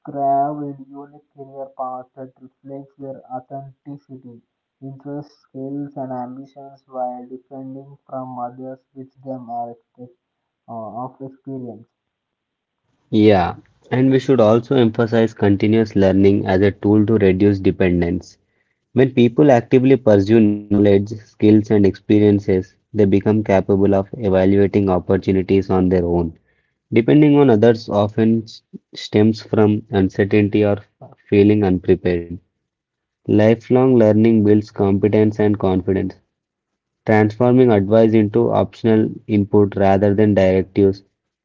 Speaker 1: craft a unique career path that reflects their authenticity, interests, skills, and ambitions while differing from others which them are expect, of experience.
Speaker 2: Yeah, and we should also emphasize continuous learning as a tool to reduce dependence. When people actively pursue knowledge, skills, and experiences, they become capable of evaluating opportunities on their own. Depending on others often stems from uncertainty or feeling unprepared. Lifelong learning builds competence and confidence transforming advice into optional input rather than directives,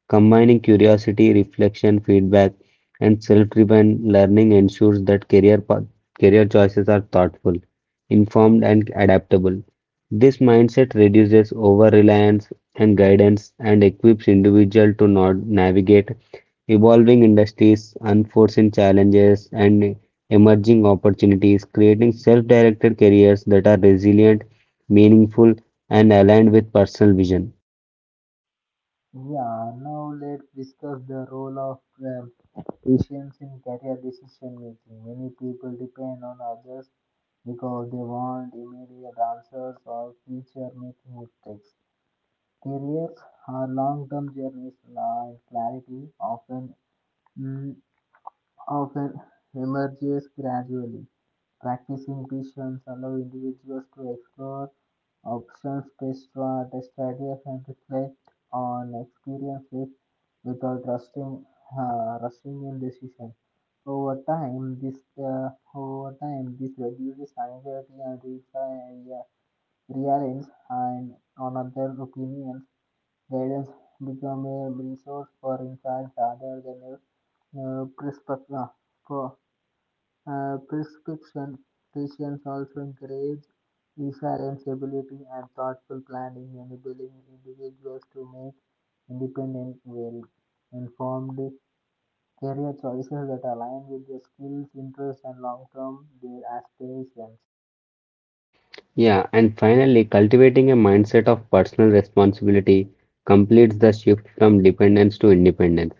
Speaker 2: combining curiosity, reflection, feedback, and self-driven learning ensures that career choices are thoughtful, informed, and adaptable. This mindset reduces over-reliance and guidance and equips individuals to not navigate evolving industries, unforeseen challenges, and emerging opportunities, creating self-directed careers that are resilient meaningful, and aligned with personal vision.
Speaker 1: Yeah, now let's discuss the role of patience in career decision making. Many people depend on others because they want immediate answers or future making mistakes. Careers are long term journeys and clarity often mm, often emerges gradually. Practicing Christians allow individuals to explore options, test test ideas, and reflect on experiences without rushing, rushing in decision. Over time, this reduces anxiety and reliance and on other opinions. Gardens become a resource for insights rather than a prescription. For, prescription, Christians also encourage resilience, ability, and thoughtful planning, enabling individuals to make independent, well-informed career choices that align with their skills, interests, and long-term their aspirations.
Speaker 2: Yeah, and finally, cultivating a mindset of personal responsibility completes the shift from dependence to independence.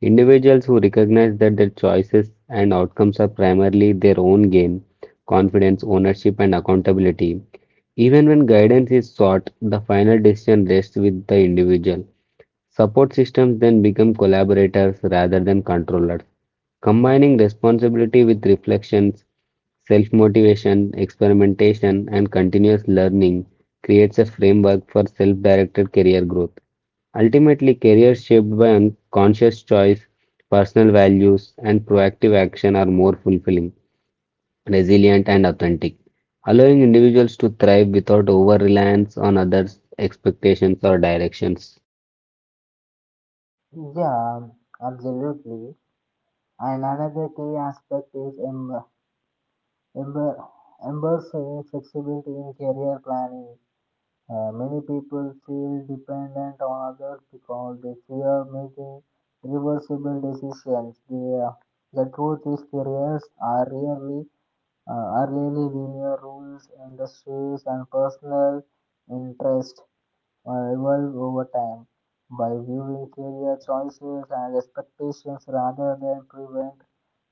Speaker 2: Individuals who recognize that their choices and outcomes are primarily their own gain, confidence, ownership, and accountability. Even when guidance is sought, the final decision rests with the individual. Support systems then become collaborators rather than controllers, combining responsibility with reflections, self motivation, experimentation, and continuous learning creates a framework for self directed career growth. Ultimately, careers shaped by unconscious choice, personal values, and proactive action are more fulfilling, resilient, and authentic, allowing individuals to thrive without over reliance on others' expectations or directions.
Speaker 1: Yeah, absolutely. And another key aspect is em- Ember, embers flexibility in career planning. Many people feel dependent on others because they fear making irreversible decisions. The truth is, careers are rarely are really linear rules, industries, and personal interest or evolve over time by viewing career choices and expectations rather than prevent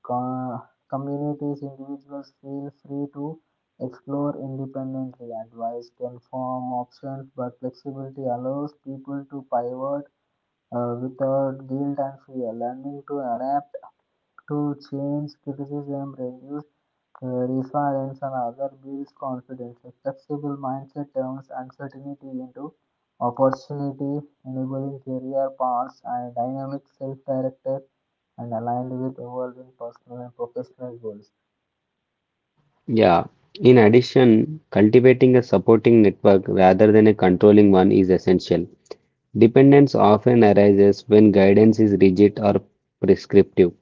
Speaker 1: co- communities. Individuals feel free to explore independently. Advice can form options but flexibility allows people to pivot without guilt and fear. Learning to adapt to change criticism reduce resilience, and other builds confidence. A flexible mindset turns uncertainty into opportunity, enabling career paths and dynamic self-directed and aligned with evolving personal and professional goals.
Speaker 2: Yeah. In addition, cultivating a supporting network rather than a controlling one is essential. Dependence often arises when guidance is rigid or prescriptive.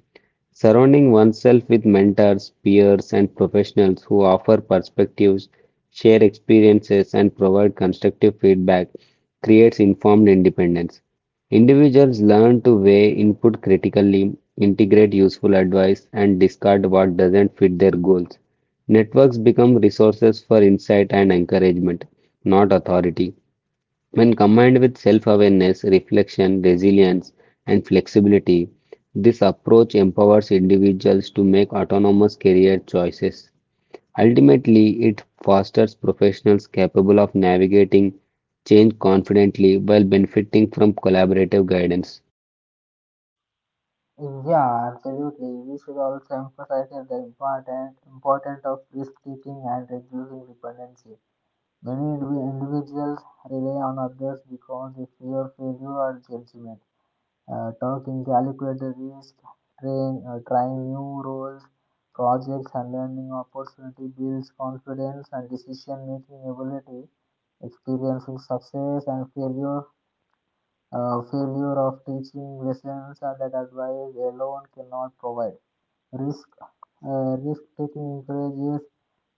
Speaker 2: Surrounding oneself with mentors, peers, and professionals who offer perspectives, share experiences, and provide constructive feedback creates informed independence. Individuals learn to weigh input critically, integrate useful advice, and discard what doesn't fit their goals. Networks become resources for insight and encouragement, not authority. When combined with self-awareness, reflection, resilience, and flexibility, this approach empowers individuals to make autonomous career choices. Ultimately, it fosters professionals capable of navigating change confidently while benefiting from collaborative guidance.
Speaker 1: Yeah, absolutely. We should also emphasize the important importance of risk taking and reducing dependency. Many individuals rely on others because they fear failure or judgment. Talking, calculate the risk, trying new roles, projects, and learning opportunity builds confidence and decision making ability, experiencing success and failure failure of teaching lessons that advice alone cannot provide. Risk, Risk taking encourages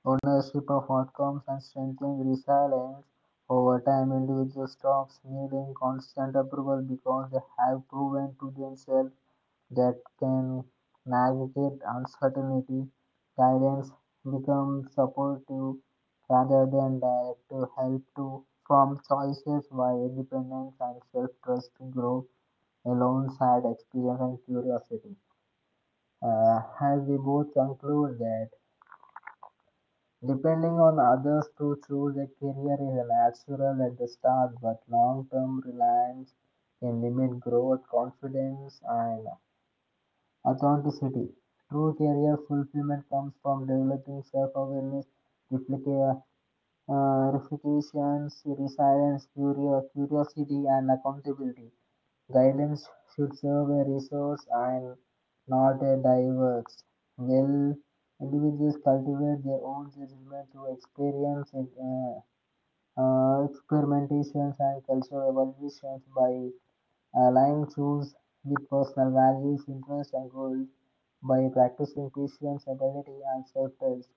Speaker 1: ownership of outcomes and strengthens resilience. Over time, individuals stop needing constant approval because they have proven to themselves that can navigate uncertainty. Guidance becomes supportive rather than direct to help to from choices where independence and self-trust grow alongside experience and curiosity. As we both conclude that depending on others to choose a career is natural at the start, but long-term reliance can limit growth, confidence, and authenticity. True career fulfillment comes from developing self-awareness, reflective refutations, resilience, curiosity, and accountability. Guidance should serve a resource and not a diverse. Well, individuals cultivate their own judgment through experience, experimentations, and cultural evaluations by aligning choose with personal values, interests, and goals by practicing patience, ability, and self-trust.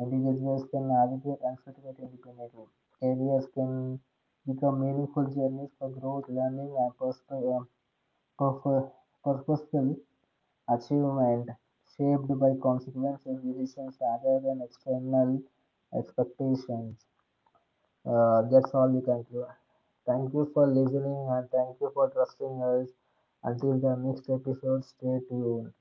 Speaker 1: Individuals can navigate uncertainty independently. Careers can become meaningful journeys for growth, learning, and personal, uh, purpo- purposeful achievement shaped by consequences, decisions, rather than external expectations. That's all we can do. Thank you for listening and thank you for trusting us. Until the next episode, stay tuned.